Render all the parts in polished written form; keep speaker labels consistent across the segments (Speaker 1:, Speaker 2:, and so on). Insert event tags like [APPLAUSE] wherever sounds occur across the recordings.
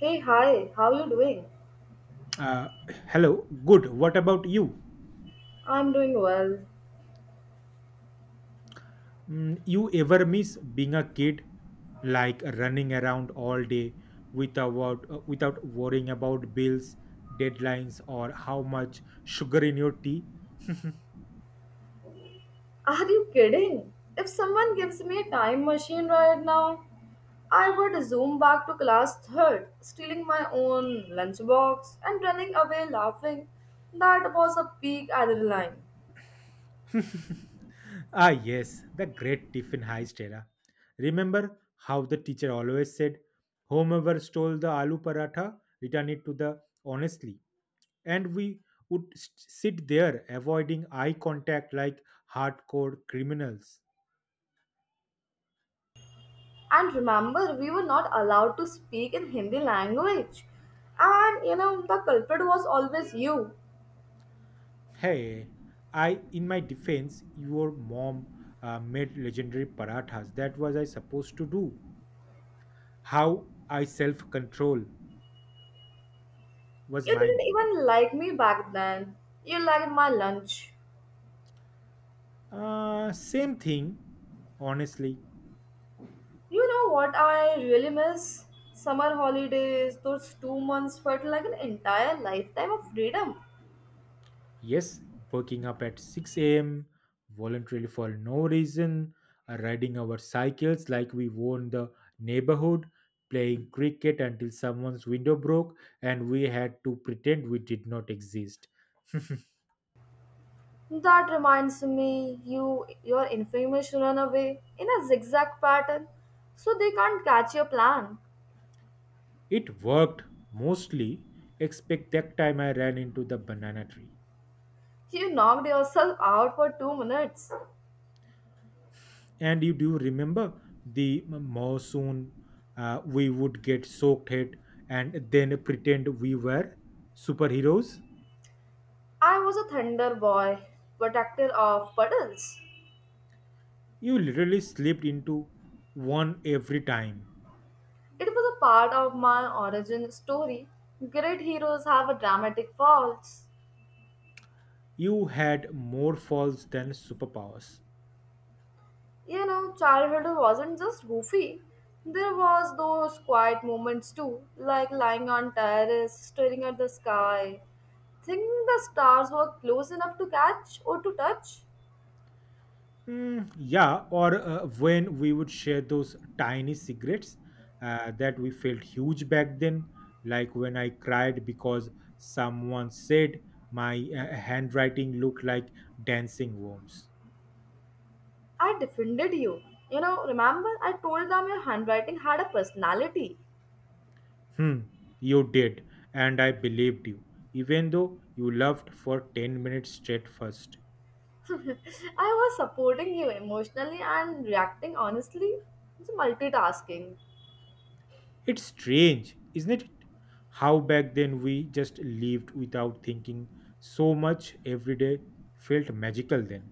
Speaker 1: Hey, hi, how you doing?
Speaker 2: Uh, Hello, good. What about you?
Speaker 1: I'm doing well.
Speaker 2: You ever miss being a kid, like running around all day without without worrying about bills, deadlines, or how much sugar in your tea?
Speaker 1: Are you kidding? If someone gives me a time machine right now, I would zoom back to class third, stealing my own lunchbox and running away laughing. That was a peak adrenaline.
Speaker 2: [LAUGHS] Ah, yes, the great tiffin heist era. Remember how the teacher always said, whomever stole the aloo paratha, return it to the honestly. And we would sit there avoiding eye contact like hardcore criminals.
Speaker 1: And remember, we were not allowed to speak in Hindi language. And you know, the culprit was always you.
Speaker 2: Hey, I, in my defense, your mom made legendary parathas. That was I supposed to do. How I self control was
Speaker 1: You didn't
Speaker 2: mine.
Speaker 1: even like me back then. You liked my lunch.
Speaker 2: Same thing, honestly.
Speaker 1: You know what I really miss? Summer holidays. Those 2 months felt like an entire lifetime of freedom.
Speaker 2: Yes, waking up at 6 a.m. voluntarily for no reason, riding our cycles like we own the neighborhood, playing cricket until someone's window broke, and we had to pretend we did not exist.
Speaker 1: That reminds me, your information run away in a zigzag pattern, so they can't catch your plan.
Speaker 2: It worked mostly, except that time I ran into the banana tree.
Speaker 1: You knocked yourself out for 2 minutes.
Speaker 2: And you do remember the monsoon, we would get soaked head and then pretend we were superheroes.
Speaker 1: I was a thunder boy, protector of puddles.
Speaker 2: You literally slipped into one every time.
Speaker 1: It was a part of my origin story. Great heroes have a dramatic faults.
Speaker 2: You had more falls than superpowers.
Speaker 1: You know, childhood wasn't just goofy. There was those quiet moments too, like lying on terrace, staring at the sky, thinking the stars were close enough to catch or to touch.
Speaker 2: Yeah, or when we would share those tiny cigarettes, that we felt huge back then, like when I cried because someone said my handwriting looked like dancing worms.
Speaker 1: I defended you. You know, remember I told them your handwriting had a personality.
Speaker 2: Hmm, you did, and I believed you, even though you laughed for 10 minutes straight first.
Speaker 1: [LAUGHS] I was supporting you emotionally and reacting honestly. It's multitasking.
Speaker 2: It's strange, isn't it? How back then we just lived without thinking so much. Every day felt magical then.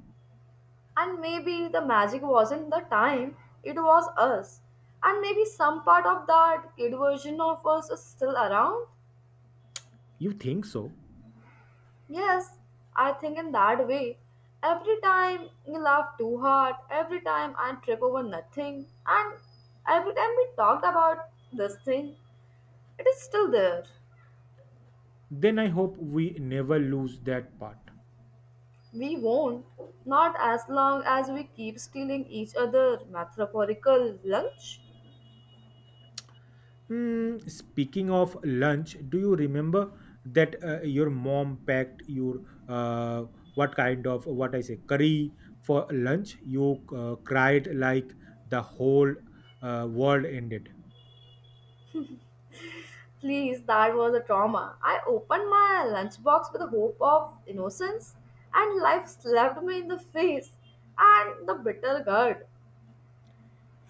Speaker 1: And maybe the magic wasn't the time, it was us. And maybe some part of that kid version of us is still around.
Speaker 2: You think so?
Speaker 1: Yes, I think in that way. Every time we laugh too hard, every time I trip over nothing, and every time we talked about this thing, it is still there.
Speaker 2: Then I hope we never lose that part.
Speaker 1: We won't, not as long as we keep stealing each other metaphorical lunch.
Speaker 2: Speaking of lunch, do you remember that your mom packed your uh, what kind of what I say curry for lunch? You cried like the whole world ended.
Speaker 1: Please, that was a trauma. I opened my lunchbox with the hope of innocence, and life slapped me in the face and the bitter gourd.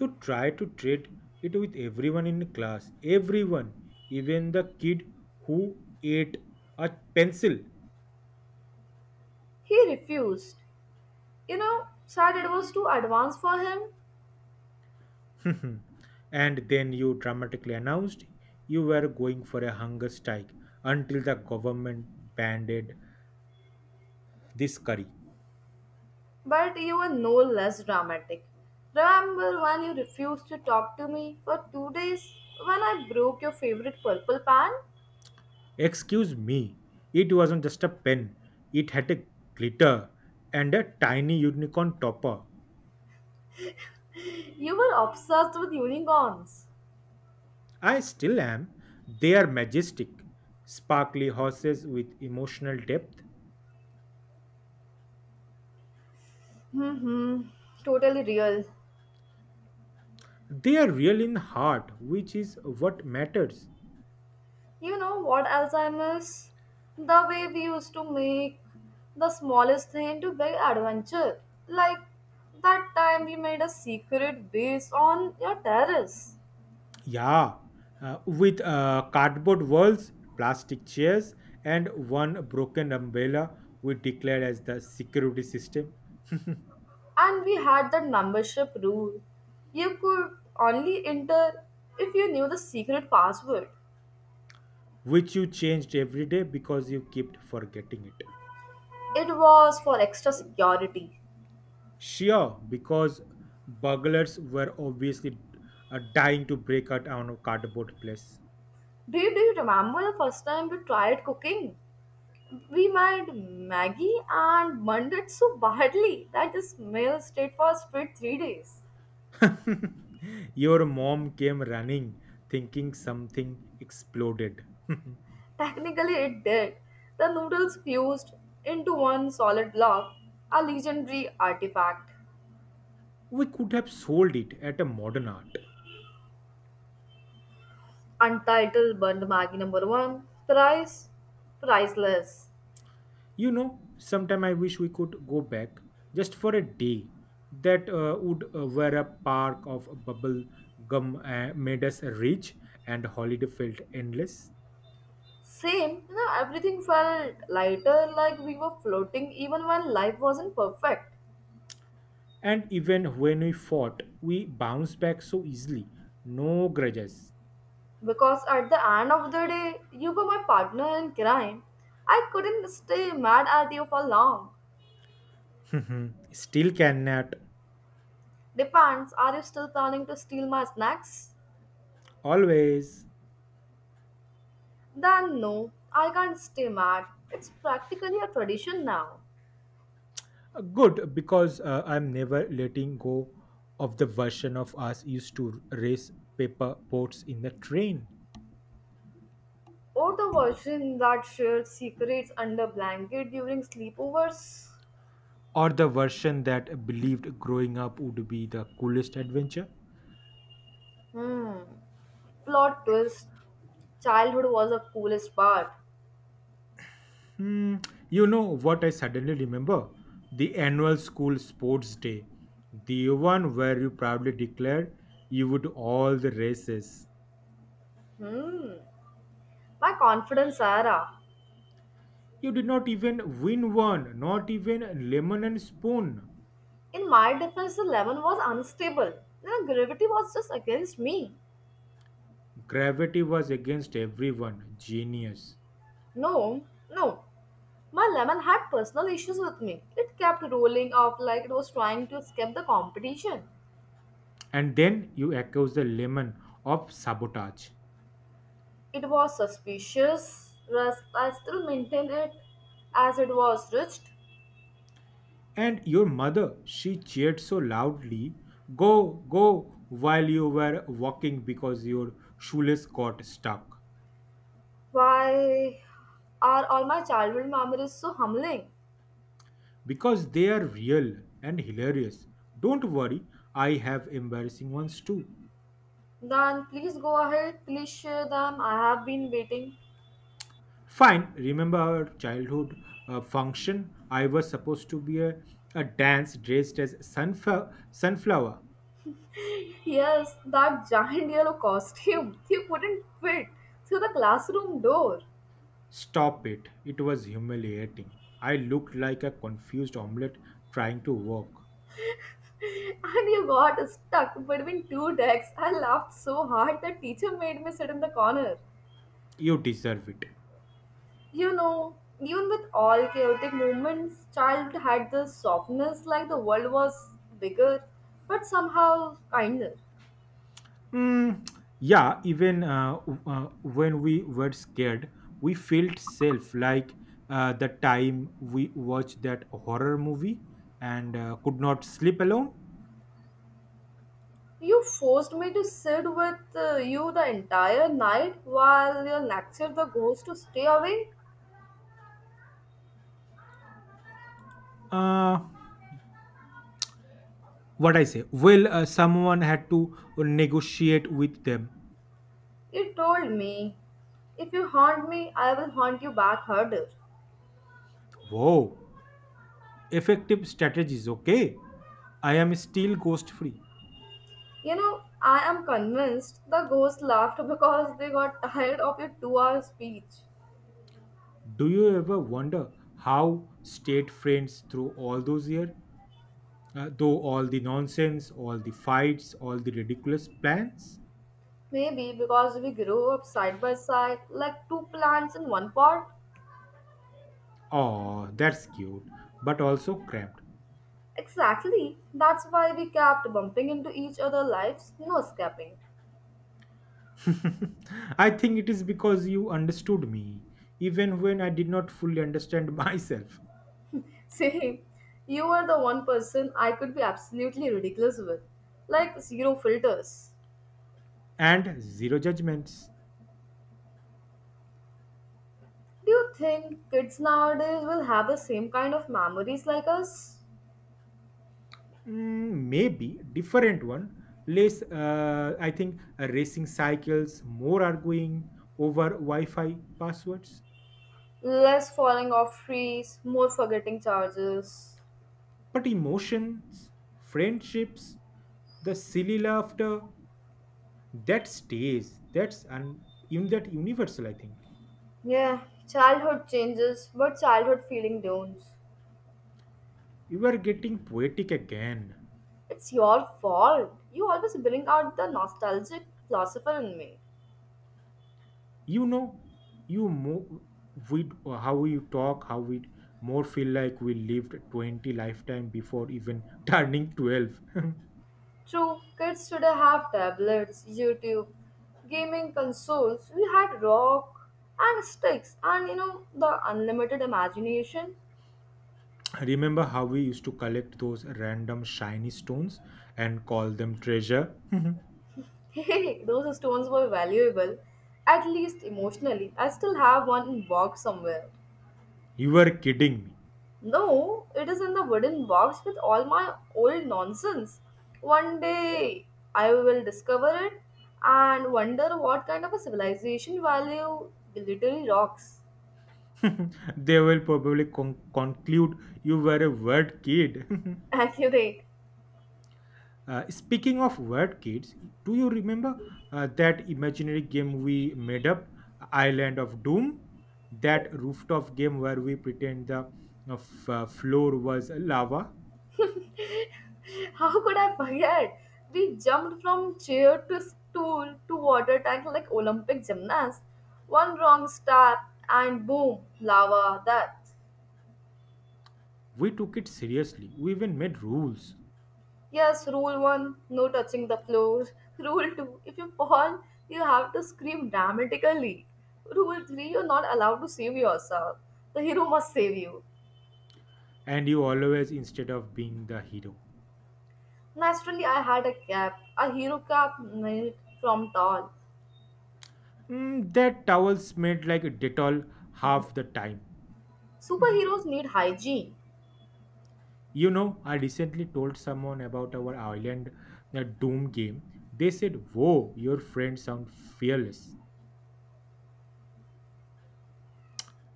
Speaker 2: You tried to trade it with everyone in class, everyone, even the kid who ate a pencil.
Speaker 1: He refused. You know, said it was too advanced for him,
Speaker 2: [LAUGHS] And then you dramatically announced you were going for a hunger strike until the government banned it this curry.
Speaker 1: but you were no less dramatic. Remember when you refused to talk to me for 2 days when I broke your favorite purple pan? [LAUGHS]
Speaker 2: Excuse me, it wasn't just a pen, it had a glitter and a tiny unicorn topper.
Speaker 1: You were obsessed with unicorns.
Speaker 2: I still am. They are majestic, sparkly horses with emotional depth.
Speaker 1: Mm-hmm. Totally real.
Speaker 2: They are real in heart, which is what matters.
Speaker 1: You know what else I miss? The way we used to make the smallest thing into big adventure. Like that time we made a secret base on your terrace.
Speaker 2: Yeah, with cardboard walls, plastic chairs, and one broken umbrella, we declared as the security system. [LAUGHS]
Speaker 1: And we had that membership rule. You could only enter if you knew the secret password.
Speaker 2: Which you changed every day because you kept forgetting it.
Speaker 1: It was for extra security.
Speaker 2: Sure, because burglars were obviously dying to break out on a cardboard place.
Speaker 1: Do you remember the first time we tried cooking? We made Maggie and burned it so badly that the smell stayed for straight 3 days.
Speaker 2: [LAUGHS] Your mom came running, thinking something exploded.
Speaker 1: Technically, it did. The noodles fused into one solid block, a legendary artifact.
Speaker 2: [LAUGHS] We could have sold it at a modern art.
Speaker 1: Untitled Burned Maggie number one, price priceless.
Speaker 2: You know, sometime I wish we could go back just for a day. That would where a park of bubble gum made us rich and holiday felt endless.
Speaker 1: Same, you know, everything felt lighter, like we were floating, even when life wasn't perfect.
Speaker 2: And even when we fought, we bounced back so easily. No grudges.
Speaker 1: Because at the end of the day, you were my partner in crime. I couldn't stay mad at you for long.
Speaker 2: [LAUGHS] Still cannot.
Speaker 1: Depends, are you still planning to steal my snacks?
Speaker 2: Always.
Speaker 1: Then no, I can't stay mad. It's practically a tradition now.
Speaker 2: Good, because I'm never letting go of the version of us used to race paper boats in the train.
Speaker 1: Or the version that shared secrets under blanket during sleepovers.
Speaker 2: Or the version that believed growing up would be the coolest adventure.
Speaker 1: Hmm. Plot twist. Childhood was the coolest part.
Speaker 2: Hmm, you know what I suddenly remember? The annual school sports day, the one where you proudly declared you would all the races.
Speaker 1: Hmm. My confidence era.
Speaker 2: You did not even win one, not even lemon and spoon.
Speaker 1: In my defense, the lemon was unstable. The gravity was just against me.
Speaker 2: Gravity was against everyone. Genius.
Speaker 1: No, no. My lemon had personal issues with me. It kept rolling off like it was trying to escape the competition.
Speaker 2: And then you accuse the lemon of sabotage.
Speaker 1: It was suspicious, rest I still maintain it as it was rich.
Speaker 2: And your mother, she cheered so loudly, go, go, while you were walking because your shoelace got stuck
Speaker 1: Why are all my childhood memories so humbling?
Speaker 2: because they are real and hilarious. Don't worry, I have embarrassing ones too.
Speaker 1: Then please go ahead, please share them. I have been waiting.
Speaker 2: Fine, remember our childhood function? I was supposed to be a dance dressed as sunflower.
Speaker 1: Yes, that giant yellow costume. You couldn't fit through the classroom door.
Speaker 2: Stop it. It was humiliating. I looked like a confused omelette trying to walk.
Speaker 1: And you got stuck between two decks. I laughed so hard that teacher made me sit in the corner.
Speaker 2: You deserve it.
Speaker 1: You know, even with all chaotic moments, child had this softness like the world was bigger, but somehow kinder.
Speaker 2: Mm, yeah, even when we were scared, we felt safe. Like the time we watched that horror movie and could not sleep alone.
Speaker 1: You forced me to sit with you the entire night while your lecture the ghost to stay away.
Speaker 2: Uh, what I say? Well, someone had to negotiate with them.
Speaker 1: You told me, if you haunt me, I will haunt you back harder.
Speaker 2: Whoa, effective strategies. Okay, I am still ghost free.
Speaker 1: You know, I am convinced the ghosts laughed because they got tired of your 2 hour speech.
Speaker 2: Do you ever wonder how stayed friends through all those years? Though all the nonsense, all the fights, all the ridiculous plans.
Speaker 1: Maybe because we grew up side by side, like two plants in one pot.
Speaker 2: Oh, that's cute, but also cramped.
Speaker 1: Exactly, that's why we kept bumping into each other lives, no escaping.
Speaker 2: [LAUGHS] I think it is because you understood me, even when I did not fully understand [LAUGHS] myself.
Speaker 1: [LAUGHS] See, you were the one person I could be absolutely ridiculous with, like zero filters.
Speaker 2: And zero judgments.
Speaker 1: Do you think kids nowadays will have the same kind of memories like us?
Speaker 2: Maybe different one. Less, I think, racing cycles, more arguing over Wi Fi passwords.
Speaker 1: Less falling off trees, more forgetting charges.
Speaker 2: But emotions, friendships, the silly laughter that stays, that's and in that universal I think.
Speaker 1: Yeah, childhood changes, but childhood feeling don't.
Speaker 2: You are getting poetic again.
Speaker 1: It's your fault. You always bring out the nostalgic philosopher in me.
Speaker 2: You know, you mo- we how we talk, how we more feel like we lived 20 lifetime before even [LAUGHS] turning 12. [LAUGHS]
Speaker 1: True, kids today have tablets, YouTube, gaming consoles. We had rock and sticks, and you know the unlimited imagination.
Speaker 2: Remember how we used to collect those random shiny stones and call them treasure? [LAUGHS]
Speaker 1: Hey, those stones were valuable, at least emotionally. I still have one in box somewhere.
Speaker 2: You were kidding me.
Speaker 1: No, it is in the wooden box with all my old nonsense. One day I will discover it and wonder what kind of a civilization value the little rocks.
Speaker 2: [LAUGHS] They will probably conclude you were a word kid. [LAUGHS]
Speaker 1: [LAUGHS] Accurate.
Speaker 2: Speaking of word kids, do you remember that imaginary game we made up, Island of Doom? That rooftop game where we pretend the floor was lava?
Speaker 1: How could I forget? We jumped from chair to stool to water tank like Olympic gymnasts. One wrong step and boom, lava. That
Speaker 2: We took it seriously. We even made rules.
Speaker 1: Yes, rule one, no touching the floor. [LAUGHS] Rule two, if you fall, you have to scream dramatically. Rule three, you're not allowed to save yourself. The hero must save you.
Speaker 2: And you always, instead of being the hero,
Speaker 1: Naturally, I had a cap, a hero cap made from tall.
Speaker 2: That towel smelled like a Dettol half the time. [LAUGHS] Mhm.
Speaker 1: Superheroes need hygiene.
Speaker 2: You know, I recently told someone about our Island the Doom game. They said, whoa, your friends sound fearless.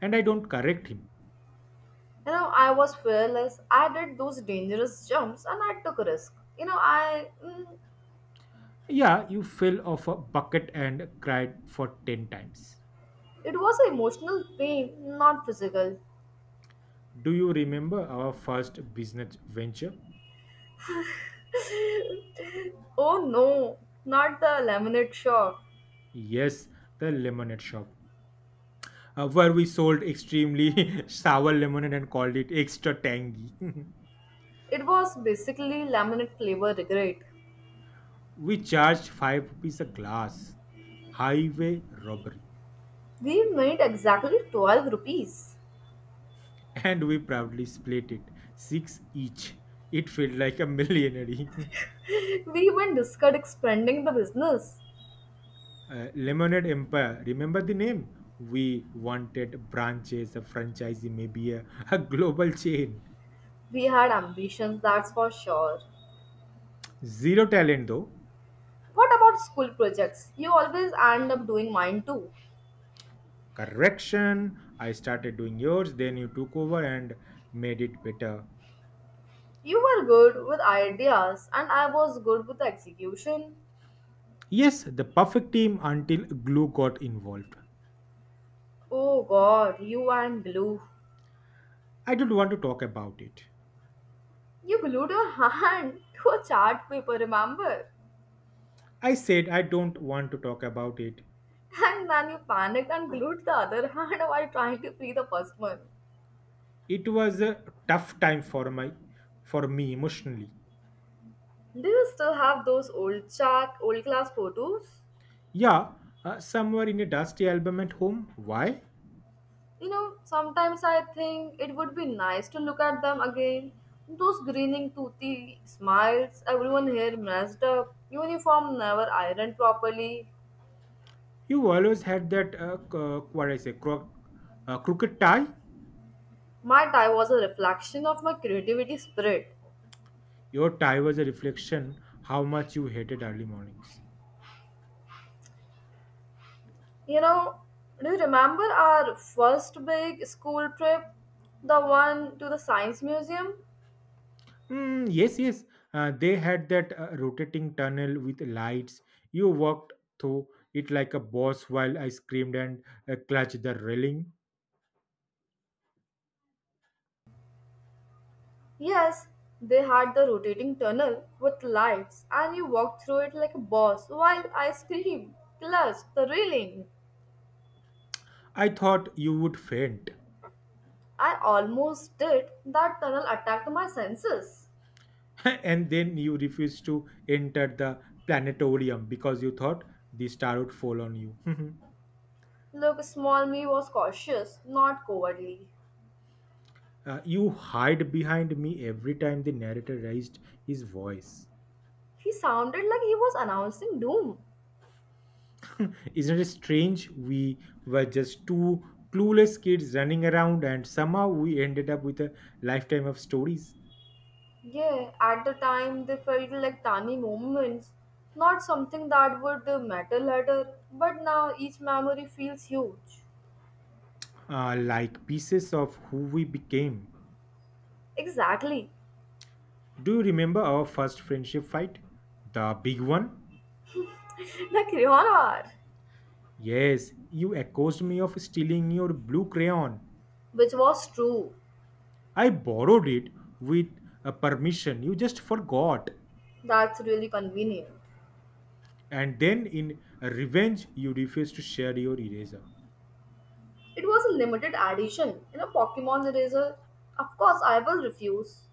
Speaker 2: And I don't correct him.
Speaker 1: You know, I was fearless. I did those dangerous jumps and I took risk.
Speaker 2: Yeah, you fell off a bucket and cried for 10 times.
Speaker 1: It was emotional pain, not physical.
Speaker 2: Do you remember our first business venture?
Speaker 1: Oh no, not the laminate shop.
Speaker 2: Yes, the lemonade shop, where we sold extremely [LAUGHS] sour lemonade and called it extra tangy. [LAUGHS]
Speaker 1: It was basically laminate flavor regret.
Speaker 2: We charged 5 rupees a glass, highway robbery,
Speaker 1: We made exactly 12 rupees.
Speaker 2: and we proudly split it, 6 each. It felt like a millionaire. [LAUGHS]
Speaker 1: [LAUGHS] We even discussed expanding the business.
Speaker 2: Lemonade Empire. Remember the name? We wanted branches, a franchisee, maybe [LAUGHS] a global chain.
Speaker 1: We had ambitions, that's for sure.
Speaker 2: Zero talent though.
Speaker 1: What about school projects? You always end up doing mine too.
Speaker 2: Correction. I started doing yours, then you took over and made it better.
Speaker 1: You were good with ideas, and I was good with the execution.
Speaker 2: Yes, the perfect team until glue got involved.
Speaker 1: Oh god, you and glue.
Speaker 2: I don't want to talk about it.
Speaker 1: You glued your hand [LAUGHS] to a chart paper, remember?
Speaker 2: I said I don't want to talk about it.
Speaker 1: And then you panicked and glued the other hand [LAUGHS] while trying to free the first one.
Speaker 2: It was a tough time for my for me emotionally.
Speaker 1: Do you still have those old class photos?
Speaker 2: Yeah, somewhere in a dusty album at home. Why?
Speaker 1: You know, sometimes I think it would be nice to look at them again. Those grinning, toothy smiles, everyone here messed up, uniform never ironed properly.
Speaker 2: You always had that, what I say, crooked tie.
Speaker 1: My tie was a reflection of my creativity spirit.
Speaker 2: Your tie was a reflection how much you hated early mornings.
Speaker 1: You know, do you remember our first big school trip? The one to the science museum?
Speaker 2: Yes, yes. They had that rotating tunnel with lights. You walked through it like a boss while I screamed and clutched the railing.
Speaker 1: Yes, they had the rotating tunnel with lights, and you walked through it like a boss while I screamed, clutched the railing.
Speaker 2: I thought you would faint.
Speaker 1: I almost did. That tunnel attacked my senses.
Speaker 2: [LAUGHS] And then you refused to enter the planetarium because you thought the star would fall on you. [LAUGHS]
Speaker 1: Look, small me was cautious, not cowardly.
Speaker 2: You hide behind me every time the narrator raised his voice.
Speaker 1: He sounded like he was announcing doom.
Speaker 2: [LAUGHS] Isn't it strange? We were just two clueless kids running around, and somehow we ended up with a lifetime of stories,
Speaker 1: Yeah, at the time they felt like tiny moments, not something that would matter later, but now each memory feels huge.
Speaker 2: like pieces of who we became.
Speaker 1: Exactly,
Speaker 2: Do you remember our first friendship fight? The big one?
Speaker 1: [LAUGHS] the Creon hour.
Speaker 2: Yes, you accused me of stealing your blue crayon.
Speaker 1: Which was true.
Speaker 2: I borrowed it with permission, you just forgot.
Speaker 1: That's really convenient.
Speaker 2: And then in revenge you refused to share your eraser.
Speaker 1: It was a limited edition in a Pokemon eraser. Of course, I will refuse.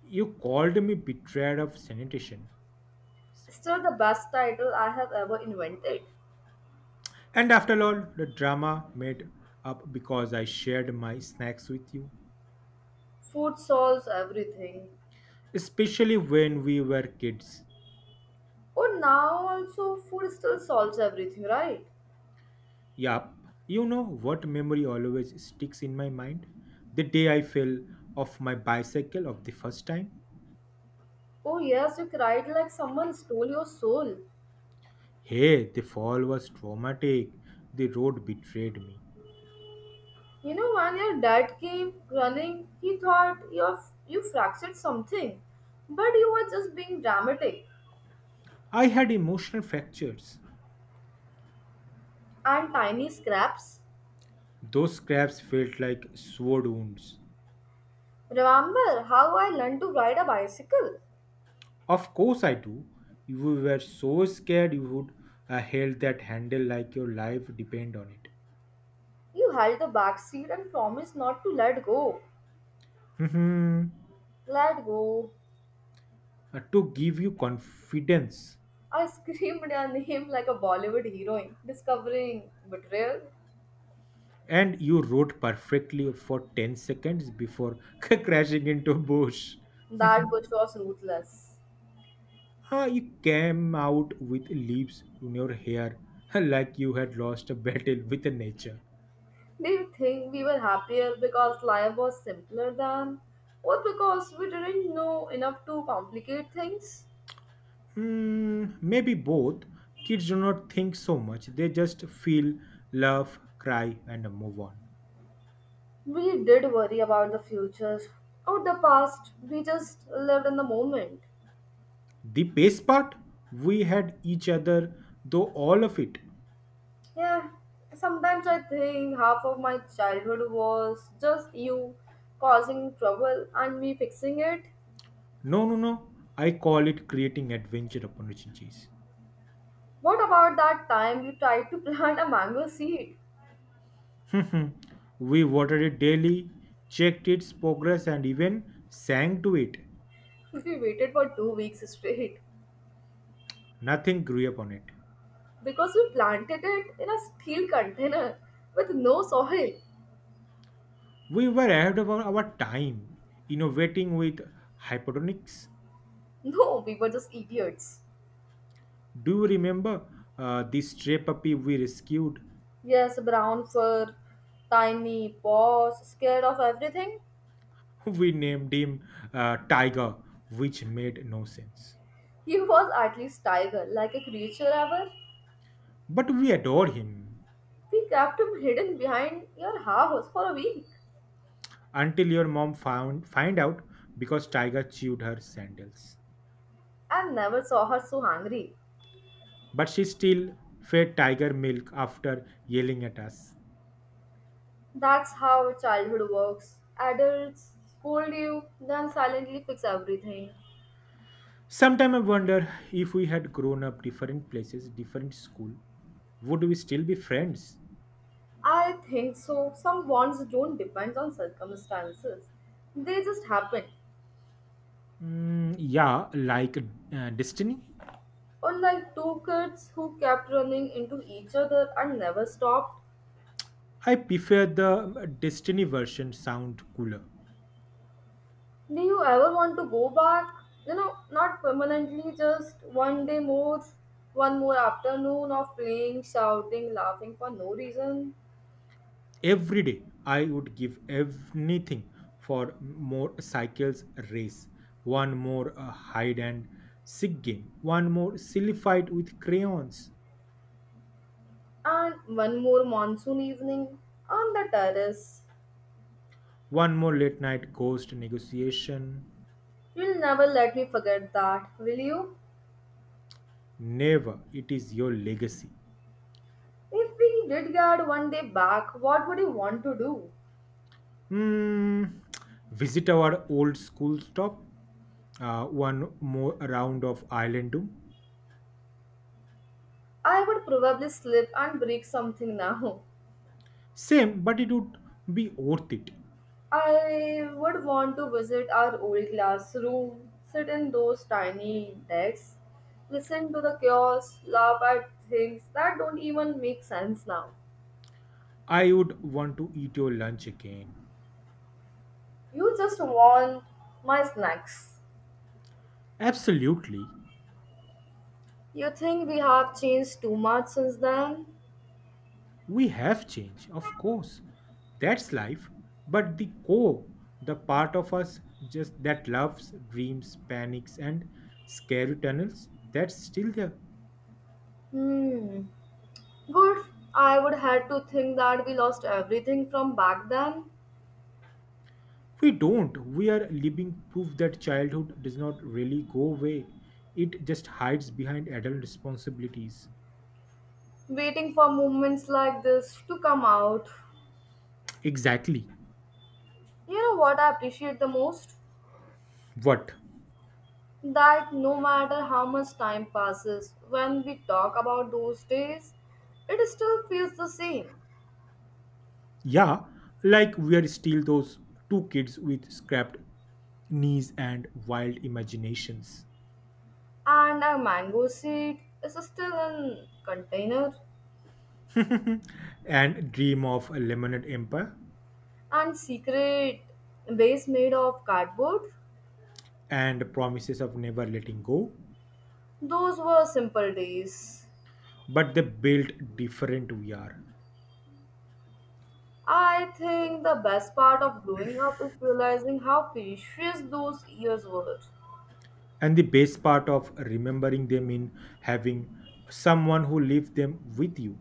Speaker 2: You called me betrayed of sanitation,
Speaker 1: Still, the best title I have ever invented.
Speaker 2: and after all the drama, made up because I shared my snacks with you,
Speaker 1: Food solves everything.
Speaker 2: especially when we were kids.
Speaker 1: Oh, now also, food still solves everything, right?
Speaker 2: Yup. You know what memory always sticks in my mind? The day I fell off my bicycle of the first time.
Speaker 1: Oh, yes, you cried like someone stole your soul.
Speaker 2: Hey, the fall was traumatic, the road betrayed me.
Speaker 1: You know, when your dad came running, he thought you fractured something, but you were just being dramatic
Speaker 2: I had emotional fractures.
Speaker 1: and tiny scraps.
Speaker 2: Those scraps felt like sword wounds.
Speaker 1: Remember how I learned to ride a bicycle?
Speaker 2: Of course, I do. You were so scared you would held that handle like your life depend on it.
Speaker 1: You held the back seat and promised not to let go.
Speaker 2: Mhm.
Speaker 1: Let go.
Speaker 2: To give you confidence.
Speaker 1: I screamed your name like a Bollywood heroine, discovering betrayal.
Speaker 2: And you wrote perfectly for 10 seconds before [LAUGHS] crashing into a bush.
Speaker 1: That bush was ruthless.
Speaker 2: Ah, you came out with leaves in your hair [LAUGHS] like you had lost a battle with nature.
Speaker 1: Do you think we were happier because life was simpler than? Or because we didn't know enough to complicate things?
Speaker 2: Maybe both. Kids do not think so much, they just feel, laugh, cry, and move on.
Speaker 1: We did worry about the future or the past, we just lived in the moment.
Speaker 2: The pace part, we had each other, though all of it.
Speaker 1: Yeah, sometimes I think half of my childhood was just you causing trouble and me fixing it.
Speaker 2: No, no, no. I call it creating adventure opportunities.
Speaker 1: What about that time you tried to [LAUGHS] plant a mango seed?
Speaker 2: [LAUGHS] We watered it daily, checked its progress, and even sang to it.
Speaker 1: [LAUGHS] We waited for 2 weeks straight
Speaker 2: Nothing grew upon it.
Speaker 1: because we planted it in a steel container with no soil.
Speaker 2: We were ahead of our time, innovating with hypotonics.
Speaker 1: No, we were just idiots.
Speaker 2: Do you remember the stray puppy we rescued?
Speaker 1: Yes, brown fur, tiny paws, scared of everything.
Speaker 2: [LAUGHS] We named him Tiger, which made no sense.
Speaker 1: He was at least tiger, like a creature ever.
Speaker 2: But we adore him
Speaker 1: We kept him hidden behind your house for a week
Speaker 2: until your mom found find out because Tiger chewed her sandals.
Speaker 1: and never saw her so angry.
Speaker 2: But she still fed Tiger milk after yelling at us.
Speaker 1: That's how childhood works. Adults scold you, then silently fix everything.
Speaker 2: Sometimes I wonder if we had grown up different places, different school, would we still be friends?
Speaker 1: I think so. Some bonds don't depend on circumstances, they just happen.
Speaker 2: Yeah, like Destiny.
Speaker 1: Unlike two kids who kept running into each other and never stopped.
Speaker 2: I prefer the Destiny version sound cooler.
Speaker 1: Do you ever want to go back? You know, not permanently, just one day more, one more afternoon of playing, shouting, laughing for no reason,
Speaker 2: Every day I would give anything for more cycles race, one more hide and seek game, one more silly fight with crayons,
Speaker 1: and one more monsoon evening on the terrace.
Speaker 2: one more late night ghost negotiation.
Speaker 1: You'll never let me forget that, will you?
Speaker 2: Never, it is your legacy.
Speaker 1: If we did get one day back, what would you want to do?
Speaker 2: Hmm. Visit our old school stop, one more round of Island Doom.
Speaker 1: I would probably slip and break something [LAUGHS] now.
Speaker 2: Same, but it would be worth it.
Speaker 1: I would want to visit our old classroom, sit in those tiny desks, listen to the chaos, laugh at things that don't even make sense now.
Speaker 2: I would want to eat your lunch again.
Speaker 1: You just want my snacks.
Speaker 2: Absolutely.
Speaker 1: You think we have changed too much since then?
Speaker 2: We have changed, of course. That's life. But the core, the part of us just that loves, dreams, panics, and scary tunnels, that's still there.
Speaker 1: Hmm. Good. I would had to think that we lost everything from back then.
Speaker 2: We don't. We are living proof that childhood does not really go away. It just hides behind adult responsibilities.
Speaker 1: Waiting for moments like this to come out.
Speaker 2: Exactly.
Speaker 1: You know what I appreciate the most?
Speaker 2: What?
Speaker 1: That no matter how much time passes, when we talk about those days, it still feels the same.
Speaker 2: Yeah, like we are still those two kids with scrapped knees and wild imaginations,
Speaker 1: And a mango seed is still in container
Speaker 2: [LAUGHS] and dream of a lemonade empire
Speaker 1: and secret base made of cardboard.
Speaker 2: and promises of never letting go,
Speaker 1: Those were simple days.
Speaker 2: but they built different vr.
Speaker 1: I think the best part of growing up is realizing how precious those years were.
Speaker 2: And the best part of remembering them in having someone who lived them with you.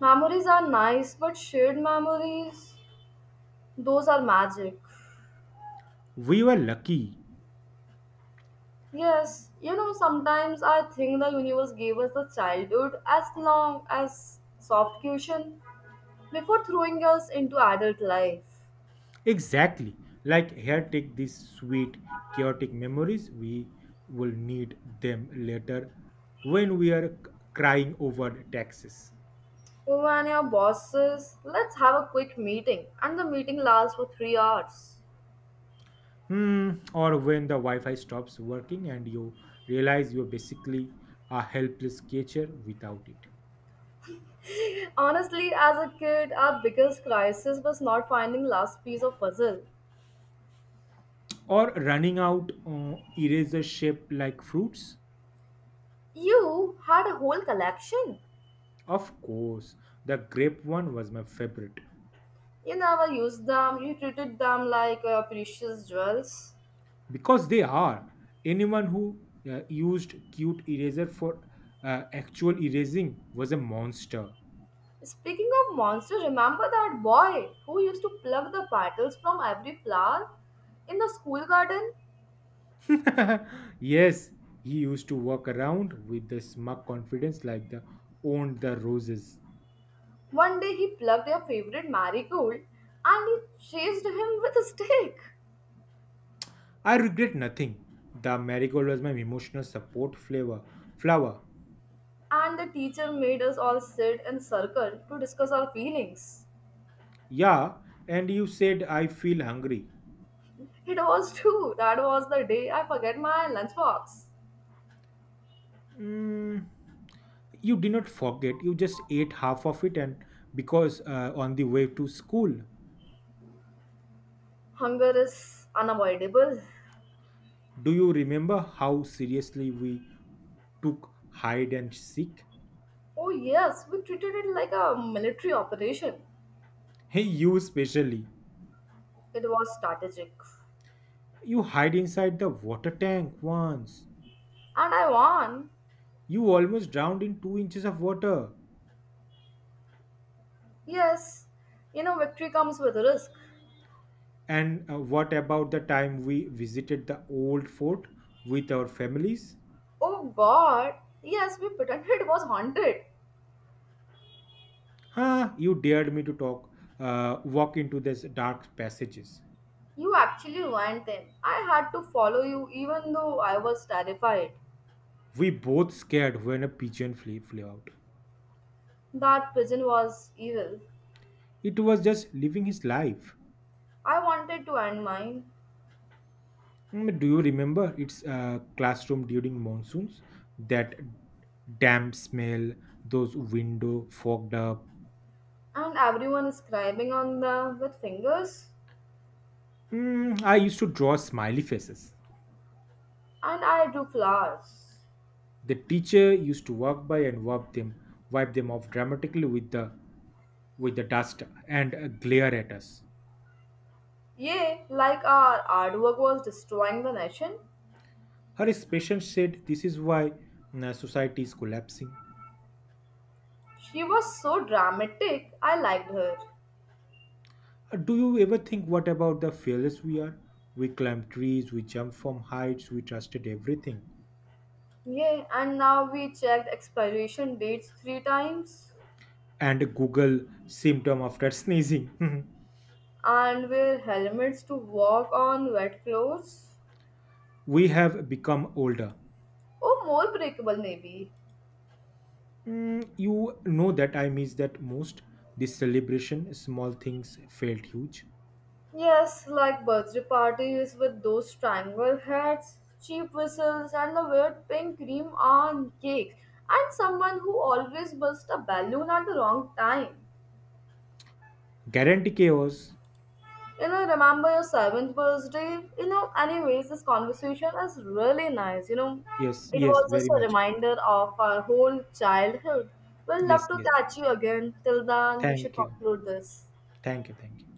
Speaker 1: Memories are nice, but shared memories, those are magic.
Speaker 2: We were lucky.
Speaker 1: Yes, you know, sometimes I think the universe gave us the childhood as long as soft cushion before throwing us into adult life.
Speaker 2: Exactly, like here take these sweet chaotic memories, we will need them later when we are crying over taxes.
Speaker 1: When your boss says, let's have a quick meeting, and the meeting lasts for 3 hours.
Speaker 2: Hmm, or when the Wi-Fi stops working and you realize you're basically a helpless creature without it.
Speaker 1: Honestly, as a kid, our biggest crisis was not finding last piece of puzzle.
Speaker 2: Or running out eraser shaped like fruits.
Speaker 1: You had a whole collection.
Speaker 2: Of course, the grape one was my favorite
Speaker 1: You never used them, you treated them like precious jewels.
Speaker 2: because they are. Anyone who used cute eraser for actual erasing was a monster.
Speaker 1: Speaking of monsters, remember that boy who used to pluck the petals from every flower in the school garden?
Speaker 2: [LAUGHS] Yes, he used to walk around with the smug confidence like the owned the roses.
Speaker 1: One day he plucked their favorite marigold and he chased him with a stick.
Speaker 2: I regret nothing. The marigold was my emotional support flavor flower.
Speaker 1: And the teacher made us all sit in circle to discuss our feelings.
Speaker 2: Yeah, and you said I feel hungry.
Speaker 1: It was true, that was the day I forget my lunchbox.
Speaker 2: Mm, you did not forget. You just ate half of it, and because on the way to school,
Speaker 1: Hunger is unavoidable.
Speaker 2: do you remember how seriously we took hide and seek?
Speaker 1: Oh, yes, we treated it like a military operation.
Speaker 2: Hey, you especially.
Speaker 1: It was strategic.
Speaker 2: You hide inside the water tank once.
Speaker 1: And I won.
Speaker 2: You almost drowned in 2 inches of water.
Speaker 1: Yes, you know, victory comes with risk.
Speaker 2: And what about the time we visited the old fort with our families?
Speaker 1: Oh god, yes, we pretended it was haunted.
Speaker 2: Huh, you dared me to walk into these dark passages.
Speaker 1: You actually went in. I had to follow you even though I was terrified.
Speaker 2: We both scared when a pigeon flew out.
Speaker 1: That pigeon was evil.
Speaker 2: It was just living his life.
Speaker 1: I wanted to end mine,
Speaker 2: Do you remember its classroom during monsoons? That damp smell, those window fogged up.
Speaker 1: and everyone is scribing on them with fingers,
Speaker 2: I used to draw smiley faces.
Speaker 1: and I drew flowers.
Speaker 2: The teacher used to walk by and wipe them off dramatically with the dust and glare at us.
Speaker 1: Yea, like our artwork was destroying the nation.
Speaker 2: Her patient said, "This is why society is collapsing."
Speaker 1: She was so dramatic, I liked her.
Speaker 2: Do you ever think what about the fearless we are? We climb trees, we jump from heights, we trusted everything.
Speaker 1: Yeah, and now we checked expiration dates 3 times
Speaker 2: And Google symptom after sneezing. [LAUGHS]
Speaker 1: and wear helmets to walk on wet floors.
Speaker 2: We have become older.
Speaker 1: Oh, more breakable, maybe.
Speaker 2: You know that I miss that most. This celebration, small things felt huge.
Speaker 1: Yes, like birthday parties with those triangle hats, cheap whistles, and the weird pink cream on cakes, and someone who always bursts a balloon at the wrong time.
Speaker 2: Guarantee chaos.
Speaker 1: You know, remember your seventh birthday? You know, anyways, this conversation is really nice. You know,
Speaker 2: Yes,
Speaker 1: it
Speaker 2: yes,
Speaker 1: was just
Speaker 2: very
Speaker 1: a
Speaker 2: much.
Speaker 1: reminder of our whole childhood. We'll love
Speaker 2: Yes,
Speaker 1: to
Speaker 2: yes,
Speaker 1: catch you again. Till then, we should
Speaker 2: thank you,
Speaker 1: conclude this.
Speaker 2: thank you, thank you.